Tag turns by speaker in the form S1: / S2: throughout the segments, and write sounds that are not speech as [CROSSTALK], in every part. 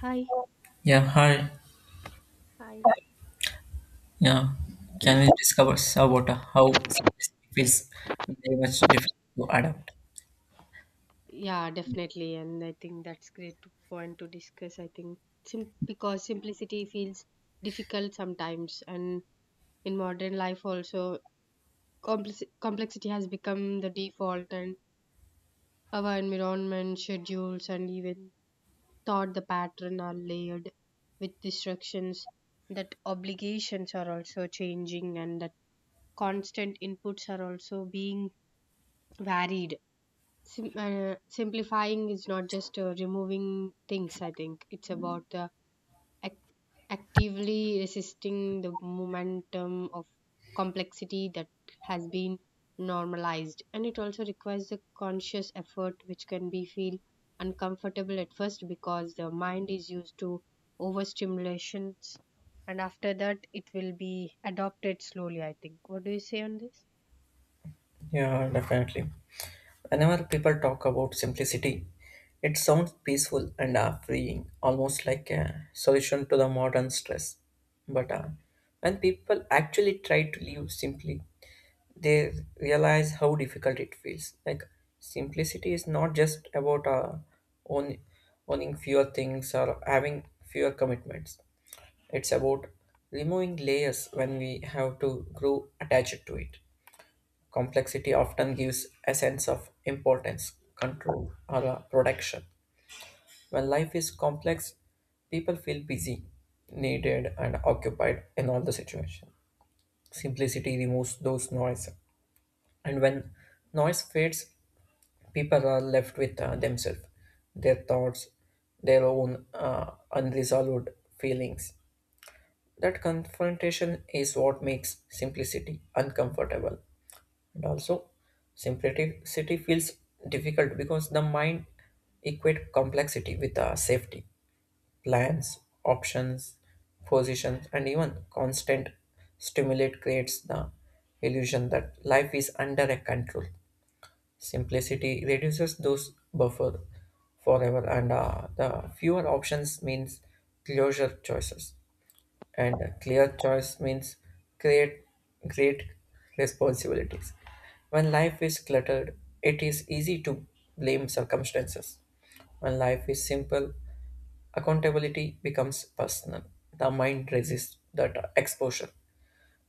S1: Hi.
S2: Yeah, hi.
S1: Hi.
S2: Yeah, can we discover Sabota? How simplicity feels very much difficult to adapt.
S1: Yeah, definitely. And I think that's great point to discuss. Because simplicity feels difficult sometimes, and in modern life also, complexity has become the default, and our environment, schedules, and even thought the pattern are layered with distractions. That obligations are also changing, and that constant inputs are also being varied. Simplifying is not just removing things. I think it's about ac- actively resisting the momentum of complexity that has been normalized, and it also requires a conscious effort which can be feel uncomfortable at first because the mind is used to overstimulations, and after that it will be adopted slowly. I think, what do you say on this?
S2: Yeah, definitely. Whenever people talk about simplicity, it sounds peaceful and freeing, almost like a solution to the modern stress. But when people actually try to live simply, they realize how difficult it feels. Like simplicity is not just about own, owning fewer things or having fewer commitments. It's about removing layers when we have to grow attached to it. Complexity often gives a sense of importance, control, or protection. When life is complex, people feel busy, needed, and occupied in all the situation. Simplicity removes those noise, and when noise fades, people are left with themselves, their thoughts, their own unresolved feelings. That confrontation is what makes simplicity uncomfortable. And also, simplicity feels difficult because the mind equates complexity with safety, plans, options, positions, and even constant stimulate creates the illusion that life is under a control. Simplicity reduces those buffer forever, and the fewer options means closure choices and clear choice means create great responsibilities. When life is cluttered, it is easy to blame circumstances. When life is simple, accountability becomes personal. The mind resists that exposure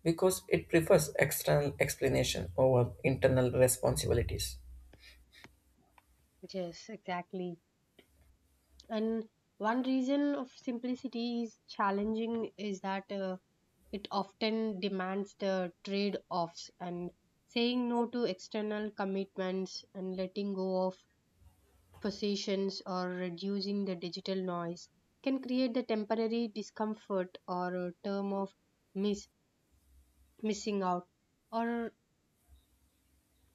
S2: because it prefers external explanation over internal responsibilities.
S1: Yes, exactly. And one reason of simplicity is challenging is that it often demands the trade offs, and saying no to external commitments and letting go of possessions or reducing the digital noise can create the temporary discomfort or a term of miss, missing out, or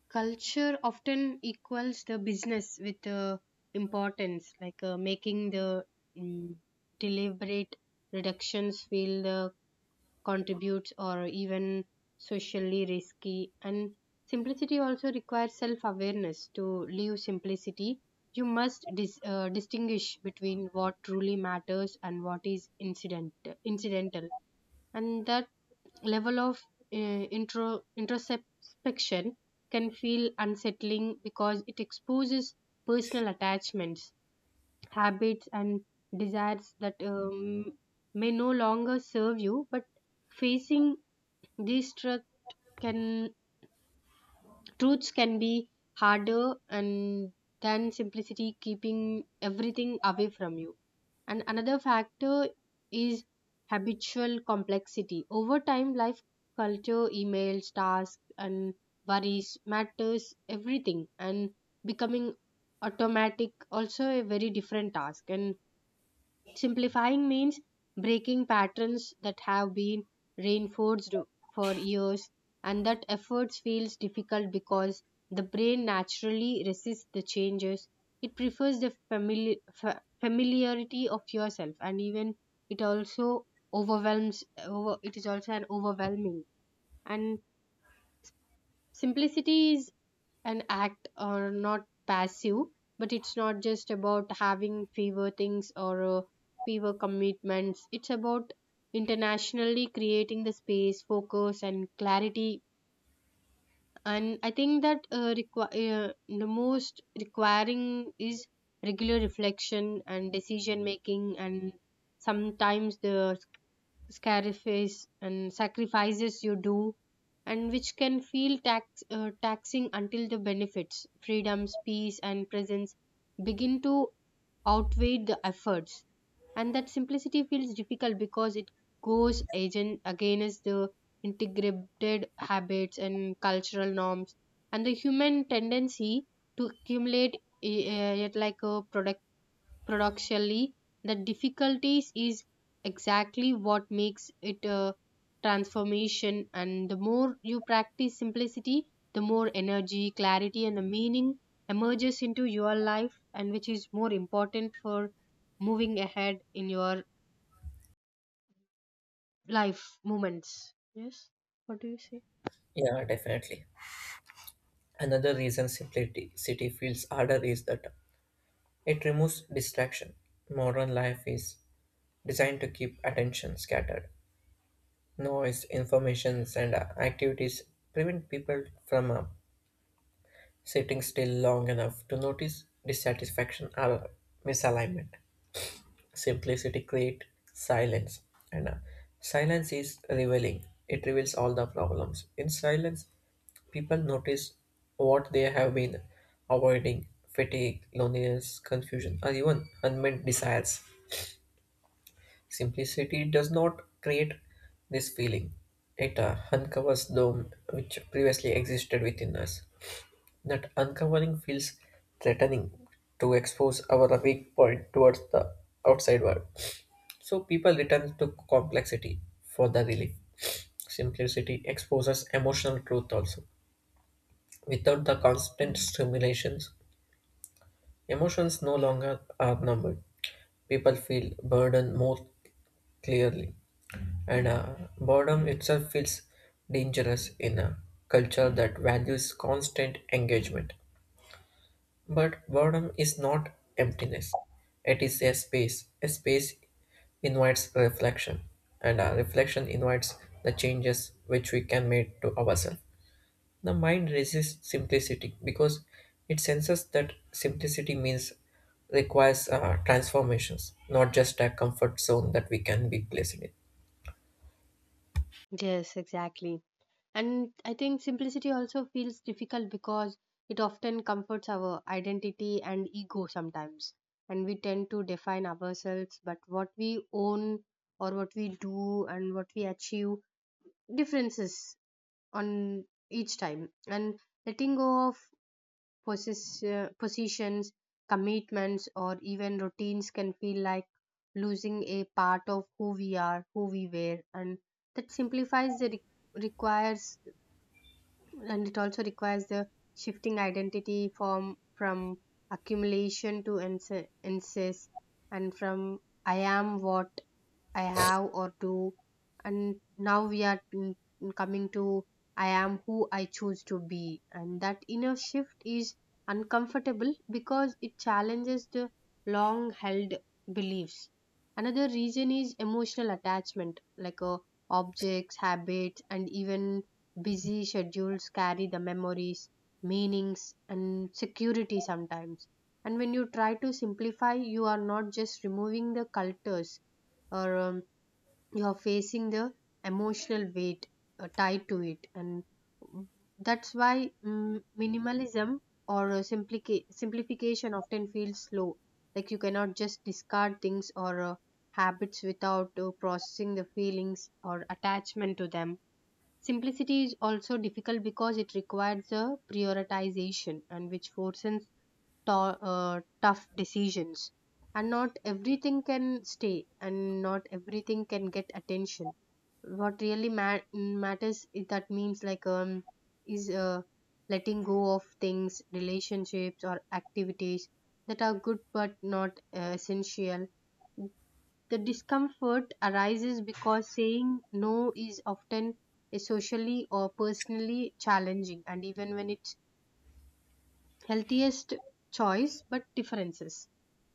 S1: culture often equals the business with importance, like making the mm, deliberate reductions feel the contributes or even socially risky. And simplicity also requires self-awareness. To live simplicity you must distinguish between what truly matters and what is incidental, and that level of introspection can feel unsettling because it exposes personal attachments, habits, and desires that may no longer serve you. But facing these truth can truths can be harder and than simplicity keeping everything away from you. And another factor is habitual complexity over time. Life, culture, emails, tasks, and worries matters everything, and becoming automatic also a very different task. And simplifying means breaking patterns that have been reinforced for years, and that efforts feels difficult because the brain naturally resists the changes. It prefers the familiarity of yourself, and even it also it is also an overwhelming. And simplicity is an act or not passive, but it's not just about having fewer things or fewer commitments. It's about internationally creating the space, focus, and clarity. And I think that the most requiring is regular reflection and decision making, and sometimes the sacrifices you do, and which can feel taxing until the benefits, freedoms, peace, and presence begin to outweigh the efforts. And that simplicity feels difficult because it goes agent against the integrated habits and cultural norms and the human tendency to accumulate yet like a productually. The difficulties is exactly what makes it a transformation, and the more you practice simplicity, the more energy, clarity, and the meaning emerges into your life, and which is more important for moving ahead in your life moments. Yes. What do you say?
S2: Yeah, definitely. Another reason simplicity city feels harder is that it removes distraction. Modern life is designed to keep attention scattered. Noise, informations, and activities prevent people from sitting still long enough to notice dissatisfaction or misalignment. Simplicity creates silence, and silence is revealing. It reveals all the problems. In silence, people notice what they have been avoiding fatigue, loneliness, confusion, or even unmet desires. Simplicity does not create this feeling. It uncovers them which previously existed within us. That uncovering feels threatening to expose our weak point towards the outside world. So people return to complexity for the relief. Simplicity exposes emotional truth also. Without the constant stimulations, emotions no longer are numbered. People feel burden more clearly. And boredom itself feels dangerous in a culture that values constant engagement. But boredom is not emptiness, it is a space. A space invites reflection, and reflection invites the changes which we can make to ourselves. The mind resists simplicity because it senses that simplicity means requires transformations, not just a comfort zone that we can be placed in.
S1: Yes, exactly. And I think simplicity also feels difficult because it often comforts our identity and ego sometimes. And we tend to define ourselves, but what we own or what we do and what we achieve differences on each time. And letting go of positions, commitments, or even routines can feel like losing a part of who we are, who we were. And that requires, and it also requires the shifting identity form from accumulation to insist, and from I am what I have or do. And now we are coming to I am who I choose to be. And that inner shift is uncomfortable because it challenges the long held beliefs. Another reason is emotional attachment, like objects, habits, and even busy schedules carry the memories, meanings, and security sometimes. And when you try to simplify, you are not just removing the cultures or you're facing the emotional weight tied to it. And that's why minimalism or simplification often feels slow, like you cannot just discard things or habits without processing the feelings or attachment to them. Simplicity is also difficult because it requires a prioritization, and which forces tough decisions, and not everything can stay and not everything can get attention. What really matters is that means, like is letting go of things, relationships, or activities that are good but not essential. The discomfort arises because saying no is often is socially or personally challenging, and even when it healthiest choice but differences.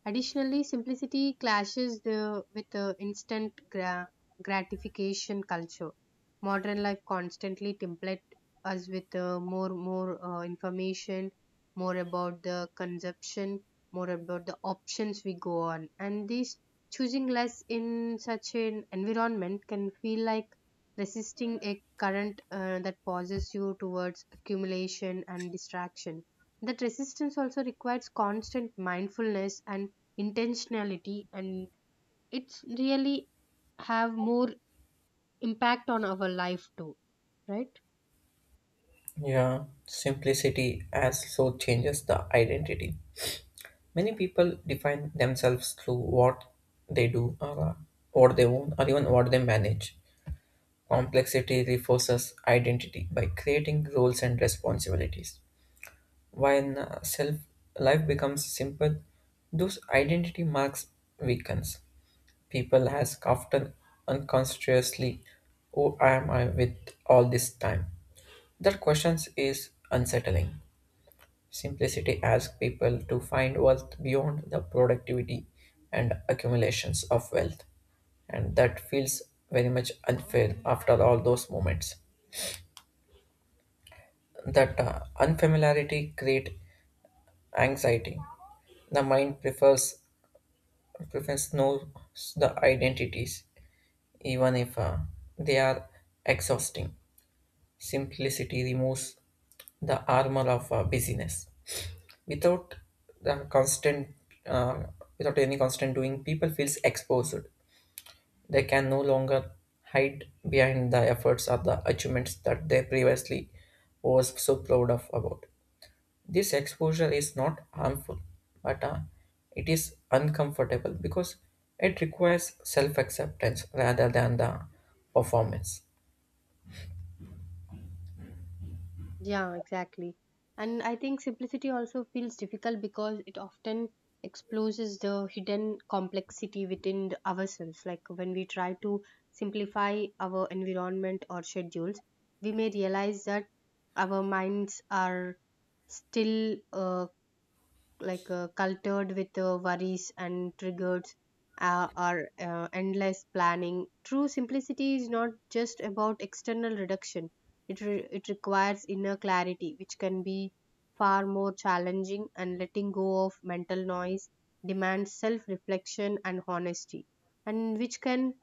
S1: Additionally, simplicity clashes the, with the instant gratification culture. Modern life constantly template us with more information, more about the consumption, more about the options we go on, and this choosing less in such an environment can feel like resisting a current that pauses you towards accumulation and distraction. That resistance also requires constant mindfulness and intentionality, and it's really have more impact on our life too, right?
S2: Yeah, simplicity also changes the identity. Many people define themselves through what they do or what they own or even what they manage. Complexity reinforces identity by creating roles and responsibilities. When self life becomes simple, those identity marks weakens. People ask often unconsciously, "Who am I with all this time?" That questions is unsettling. Simplicity asks people to find wealth beyond the productivity and accumulations of wealth. And that feels very much unfair after all those moments. That unfamiliarity creates anxiety. The mind prefers knows the identities, even if they are exhausting. Simplicity removes the armor of busyness. Without the constant uh, without any constant doing, people feels exposed. They can no longer hide behind the efforts or the achievements that they previously was so proud of about. This exposure is not harmful, but it is uncomfortable because it requires self acceptance rather than the performance.
S1: Yeah, exactly. And I think simplicity also feels difficult because it often exposes the hidden complexity within ourselves. Like when we try to simplify our environment or schedules, we may realize that our minds are still cultured with worries and triggers or endless planning. True simplicity is not just about external reduction. It, it requires inner clarity, which can be far more challenging, and letting go of mental noise demands self reflection and honesty, and which can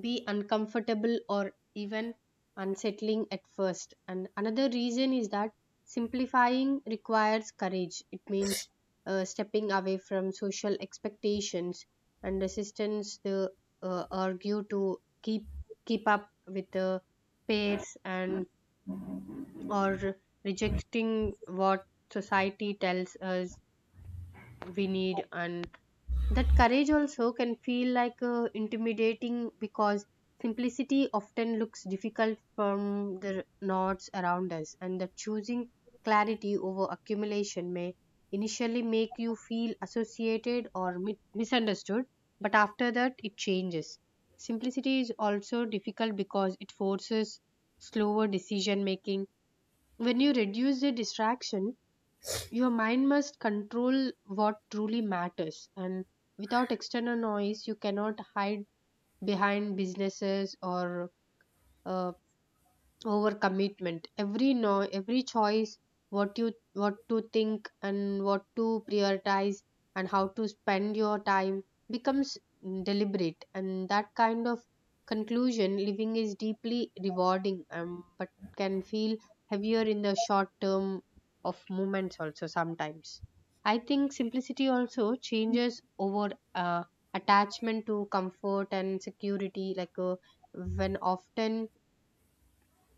S1: be uncomfortable or even unsettling at first. And another reason is that simplifying requires courage. It means stepping away from social expectations and resistance to argue to keep up with the peers, and or rejecting what society tells us we need. And that courage also can feel like intimidating because simplicity often looks difficult from the knots around us, and that choosing clarity over accumulation may initially make you feel associated or misunderstood, but after that, it changes. Simplicity is also difficult because it forces slower decision making. When you reduce the distraction, your mind must control what truly matters, and without external noise you cannot hide behind businesses or uh, over commitment. Every no, every choice, what you what to think and what to prioritize and how to spend your time becomes deliberate, and that kind of conclusion living is deeply rewarding, but can feel heavier in the short term of moments also sometimes. I think simplicity also changes over attachment to comfort and security, like when often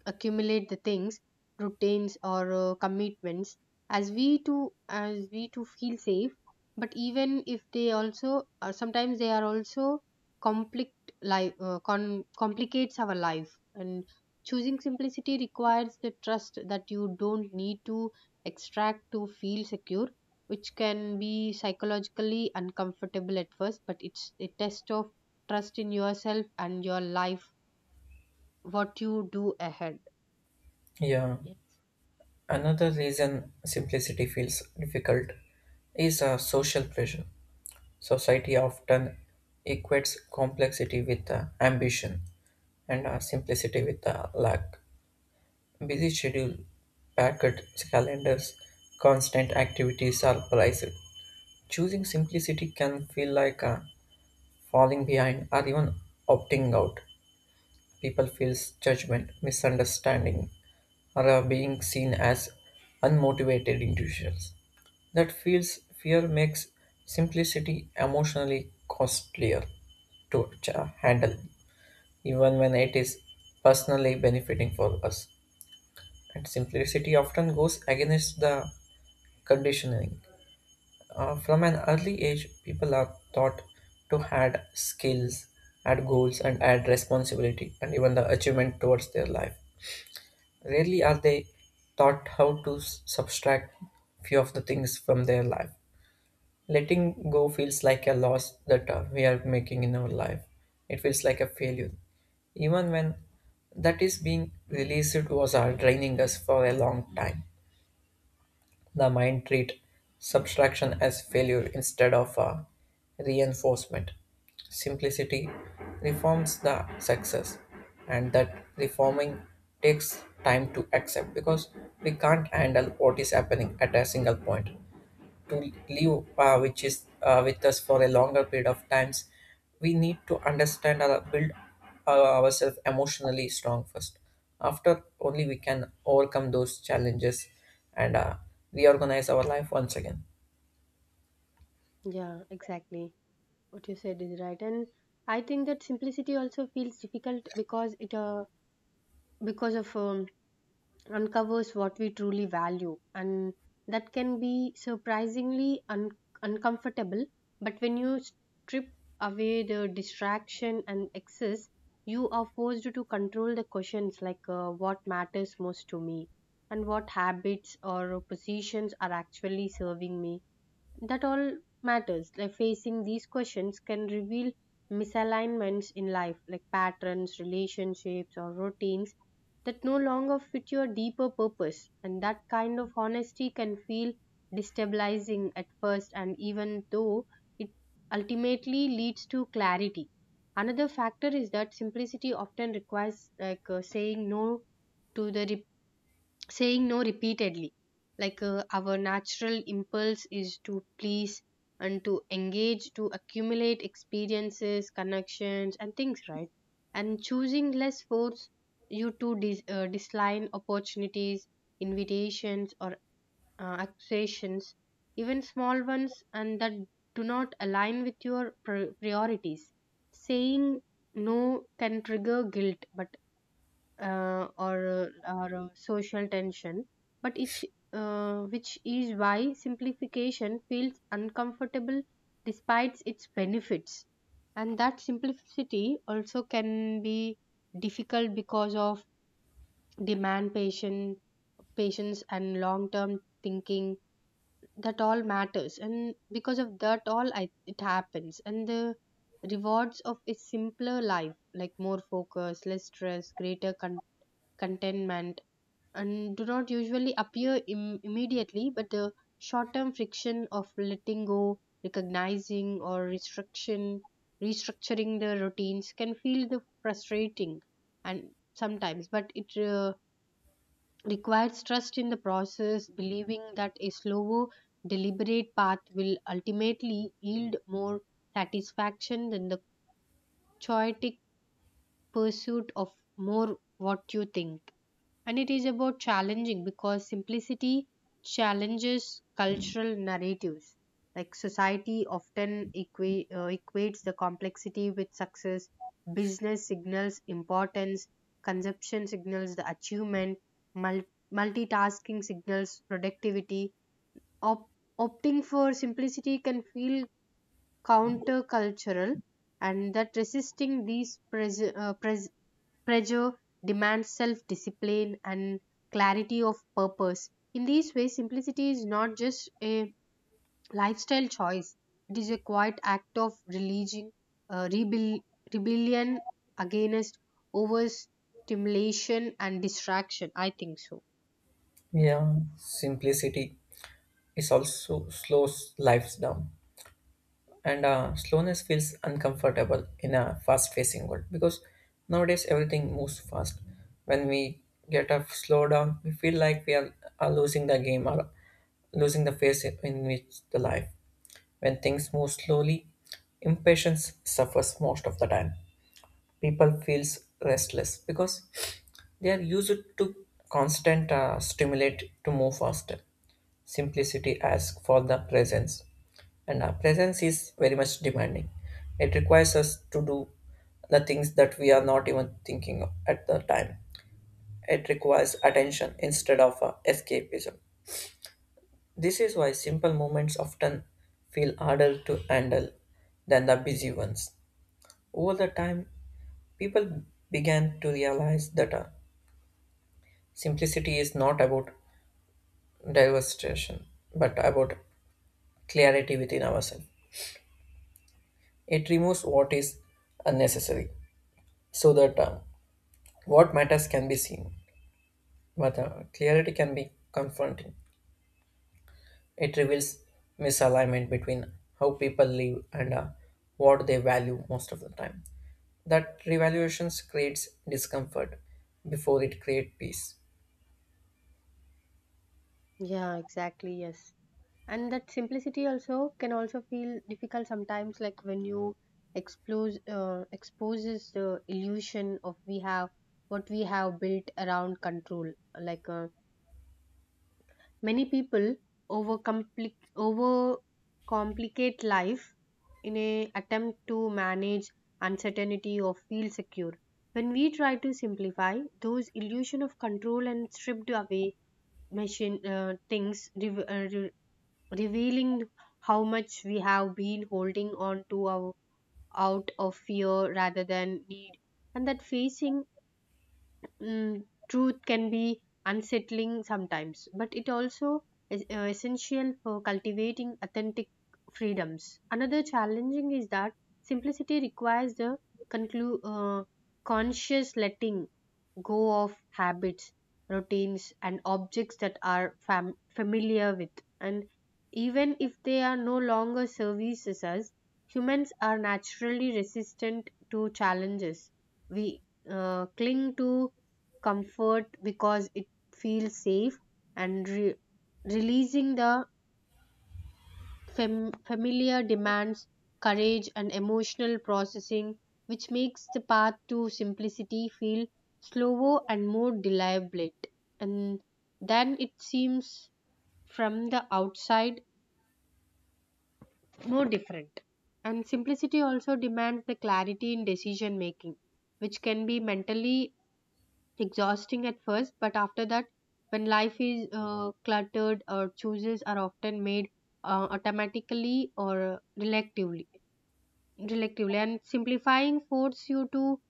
S1: accumulate the things, routines, or commitments as we to feel safe, but even if they also sometimes they are also conflict life complicates our life. And choosing simplicity requires the trust that you don't need to extract to feel secure, which can be psychologically uncomfortable at first, but it's a test of trust in yourself and your life, what you do ahead.
S2: Yeah,
S1: Yes.
S2: another reason simplicity feels difficult is social pressure. Society often equates complexity with ambition and simplicity with lack. Busy schedule, packed calendars, constant activities are prized. Choosing simplicity can feel like falling behind or even opting out. People feel judgment, misunderstanding, or are being seen as unmotivated individuals. That feels fear makes simplicity emotionally costlier to handle, even when it is personally benefiting for us. And simplicity often goes against the conditioning. From an early age, people are taught to add skills, add goals, and add responsibility, and even the achievement towards their life. Rarely are they taught how to subtract few of the things from their life. Letting go feels like a loss that we are making in our life. It feels like a failure, even when that is being released was draining us for a long time. The mind treat subtraction as failure instead of a reinforcement. Simplicity reforms the success, and that reforming takes time to accept because we can't handle what is happening at a single point to live which is with us for a longer period of times. We need to understand or build ourselves emotionally strong first. After only we can overcome those challenges, and reorganize our life once again.
S1: Yeah, exactly. What you said is right, and I think that simplicity also feels difficult because it because of uncovers what we truly value, and that can be surprisingly uncomfortable. But when you strip away the distraction and excess, you are forced to control the questions like what matters most to me, and what habits or positions are actually serving me, that all matters. Like facing these questions can reveal misalignments in life, like patterns, relationships, or routines that no longer fit your deeper purpose. And that kind of honesty can feel destabilizing at first, and even though it ultimately leads to clarity. Another factor is that simplicity often requires, like to the saying no repeatedly, like our natural impulse is to please and to engage to accumulate experiences, connections, and things, right? And choosing less force you to decline opportunities, invitations, or accusations, even small ones, and that do not align with your priorities. Saying no can trigger guilt, but uh, or or social tension, but it's which is why simplification feels uncomfortable despite its benefits. And that simplicity also can be difficult because of demand patient patience and long term thinking, that all matters, and because of it happens. And the rewards of a simpler life, like more focus, less stress, greater contentment, and do not usually appear immediately, but the short term friction of letting go, recognizing, or restructuring the routines can feel the frustrating and sometimes, but it requires trust in the process, believing that a slower, deliberate path will ultimately yield more satisfaction than the chaotic pursuit of more, what you think. And it is about challenging because simplicity challenges cultural narratives. Like society often equates the complexity with success, business signals importance, consumption signals the achievement, mul- multitasking signals productivity. Op- Opting for simplicity can feel countercultural, and that resisting these pressure demands self discipline and clarity of purpose. In these ways, simplicity is not just a lifestyle choice, it is a quiet act of religion, uh, rebel- rebellion against overstimulation and distraction. I think so.
S2: Yeah, simplicity is also slows lives down and slowness feels uncomfortable in a fast-facing world because nowadays everything moves fast. When we get a slow down, we feel like are losing the game or losing the phase in which the life. When things move slowly, impatience suffers. Most of the time people feels restless because they are used to constant stimulate to move faster. Simplicity asks for the presence, and our presence is very much demanding. It requires us to do the things that we are not even thinking of at the time. It requires attention instead of escapism. This is why simple moments often feel harder to handle than the busy ones. Over the time, people began to realize that simplicity is not about diversification, but about clarity within ourselves. It removes what is unnecessary so that what matters can be seen, but clarity can be confronting. It reveals misalignment between how people live and what they value most of the time. That revaluations creates discomfort before it creates peace.
S1: Yeah, exactly. Yes. And that simplicity also can also feel difficult sometimes, like when you exposes the illusion of we have what we have built around control, like many people over over complicate life in a attempt to manage uncertainty or feel secure. When we try to simplify, those illusion of control and stripped away machine things revealing how much we have been holding on to our, out of fear rather than need, and that facing truth can be unsettling sometimes, but it also is essential for cultivating authentic freedoms. Another challenging is that simplicity requires the conclu- uh, conscious letting go of habits, routines, and objects that are familiar with. And even if they are no longer services us, humans are naturally resistant to challenges. We cling to comfort because it feels safe, and releasing the familiar demands courage and emotional processing, which makes the path to simplicity feel slower and more deliberate. And then it seems from the outside more different. And simplicity also demands the clarity in decision making, which can be mentally exhausting at first, but after that, when life is cluttered or choices are often made automatically or reluctantly intellectually and simplifying force you to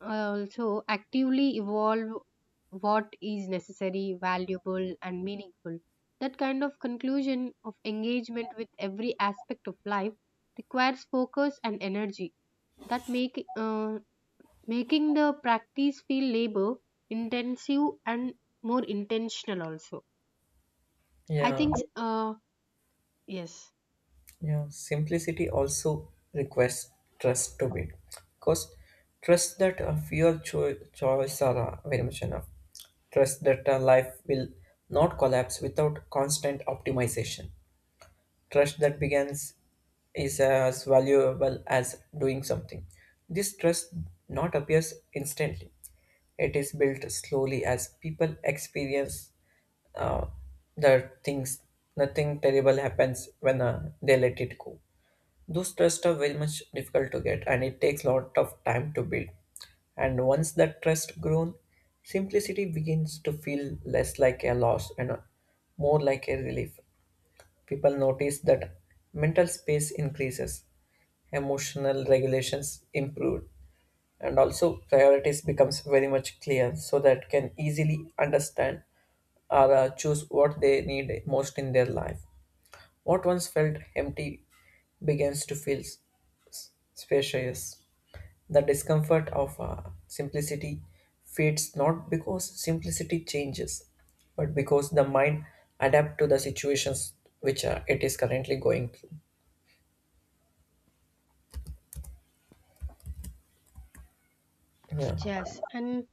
S1: also actively evolve what is necessary valuable and meaningful. That kind of conclusion of engagement with every aspect of life requires focus and energy that make making the practice feel labor intensive and more intentional also. I
S2: Yeah.
S1: think Yes.
S2: Yeah, simplicity also requires trust to be, because trust that your choice are very much enough. Trust that life will not collapse without constant optimization. Trust that begins is as valuable as doing something. This trust not appears instantly. It is built slowly as people experience uh, the things. Nothing terrible happens when they let it go. Those trusts are very much difficult to get, and it takes a lot of time to build. And once that trust grown, simplicity begins to feel less like a loss and more like a relief. People notice that mental space increases, emotional regulations improve, and also priorities becomes very much clear so that can easily understand or choose what they need most in their life. What once felt empty begins to feel spacious. The discomfort of simplicity fades not because simplicity changes, but because the mind adapts to the situations which it is currently going through. Yeah.
S1: Yes, and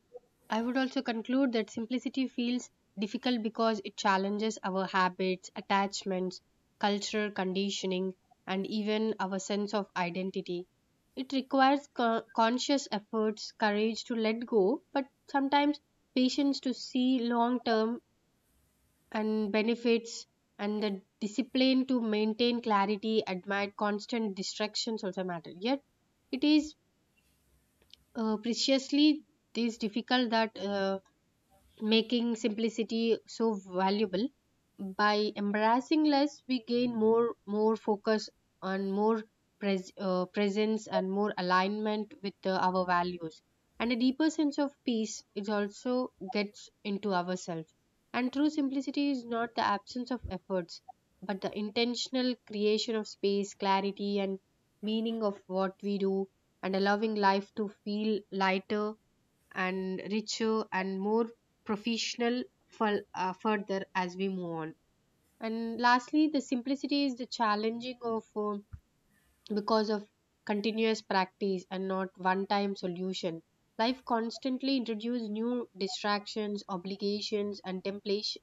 S1: I would also conclude that simplicity feels difficult because it challenges our habits, attachments, cultural conditioning, and even our sense of identity. It requires conscious efforts, courage to let go, but sometimes patience to see long term and benefits, and the discipline to maintain clarity amid constant distractions also matter. Yet, it is preciously this difficult that. Making simplicity so valuable, by embracing less we gain more focus on more presence and more alignment with our values, and a deeper sense of peace is also gets into ourselves. And true simplicity is not the absence of efforts, but the intentional creation of space clarity and meaning of what we do, and allowing life to feel lighter and richer and more professional for, further as we move on. And lastly, the simplicity is the challenging of because of continuous practice and not one time solution. Life constantly introduces new distractions, obligations, and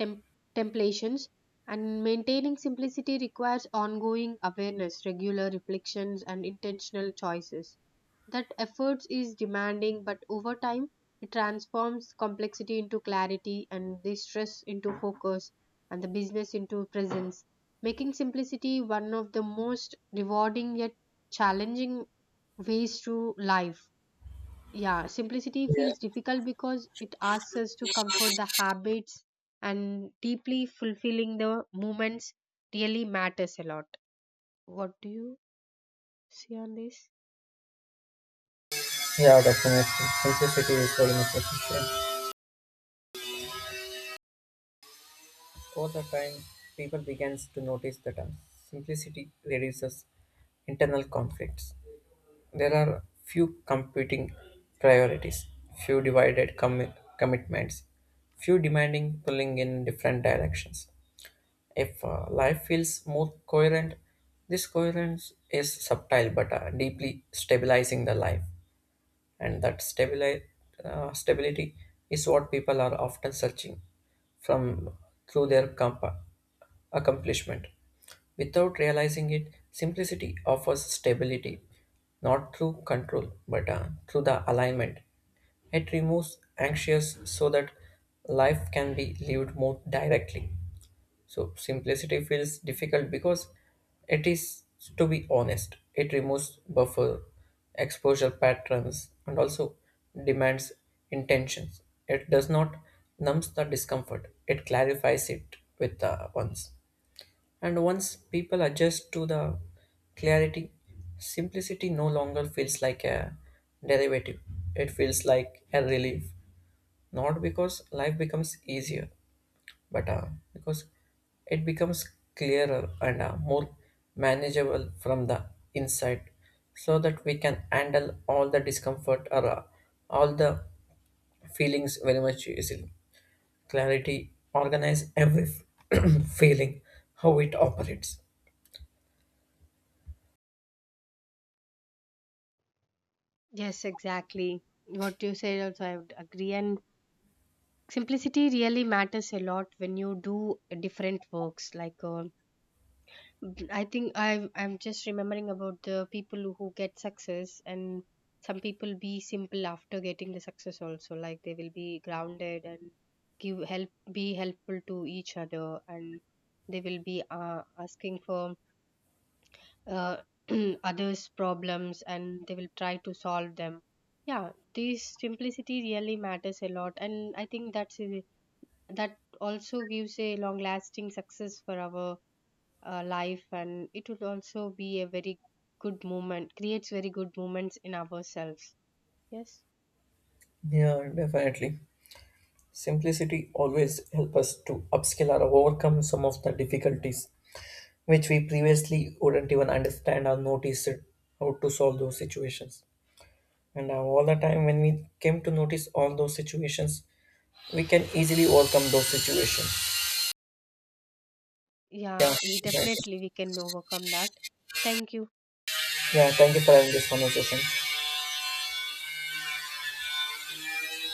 S1: tem- templations, and maintaining simplicity requires ongoing awareness, regular reflections, and intentional choices. That efforts is demanding, but over time, it transforms complexity into clarity and the stress into focus and the business into presence, making simplicity one of the most rewarding yet challenging ways to life. Yeah, simplicity
S2: Yeah,
S1: feels difficult because it asks us to comfort the habits and deeply fulfilling the moments really matters a lot. What do you see on this?
S2: yeah, definitely. Simplicity is very much essential. Over the time, people began to notice that simplicity reduces internal conflicts. There are few competing priorities, few divided commitments, few demanding pulling in different directions. If life feels more coherent, this coherence is subtle but deeply stabilizing the life, and that stability is what people are often searching from through their accomplishment. Without realizing it, simplicity offers stability, not through control but through the alignment. It removes anxious so that life can be lived more directly. So simplicity feels difficult because it is, to be honest, it removes buffer, exposure patterns, and also demands intentions. It does not numbs the discomfort; it clarifies it with the ones. And once people adjust to the clarity, simplicity no longer feels like a derivative. It feels like a relief, not because life becomes easier, but because it becomes clearer and more manageable from the inside, so that we can handle all the discomfort or all the feelings very much easily. Clarity organize every [CLEARS THROAT] feeling how it operates.
S1: Yes, exactly. What you said also, I would agree. And simplicity really matters a lot when you do different works like. I think I'm just remembering about the people who get success, and some people be simple after getting the success also, like they will be grounded and give help be helpful to each other, and they will be asking for uh, [CLEARS THROAT] others problems and they will try to solve them. Yeah, this simplicity really matters a lot, and I think that also gives a long lasting success for our life, and it would also be a very good moment creates very good moments in ourselves. Yes.
S2: Yeah, definitely, simplicity always help us to upskill or overcome some of the difficulties which we previously wouldn't even understand or notice it, how to solve those situations. And all the time, when we came to notice all those situations, we can easily overcome those situations. Yeah, exactly.
S1: Definitely we can overcome that. Thank you.
S2: Yeah, thank you for having this conversation.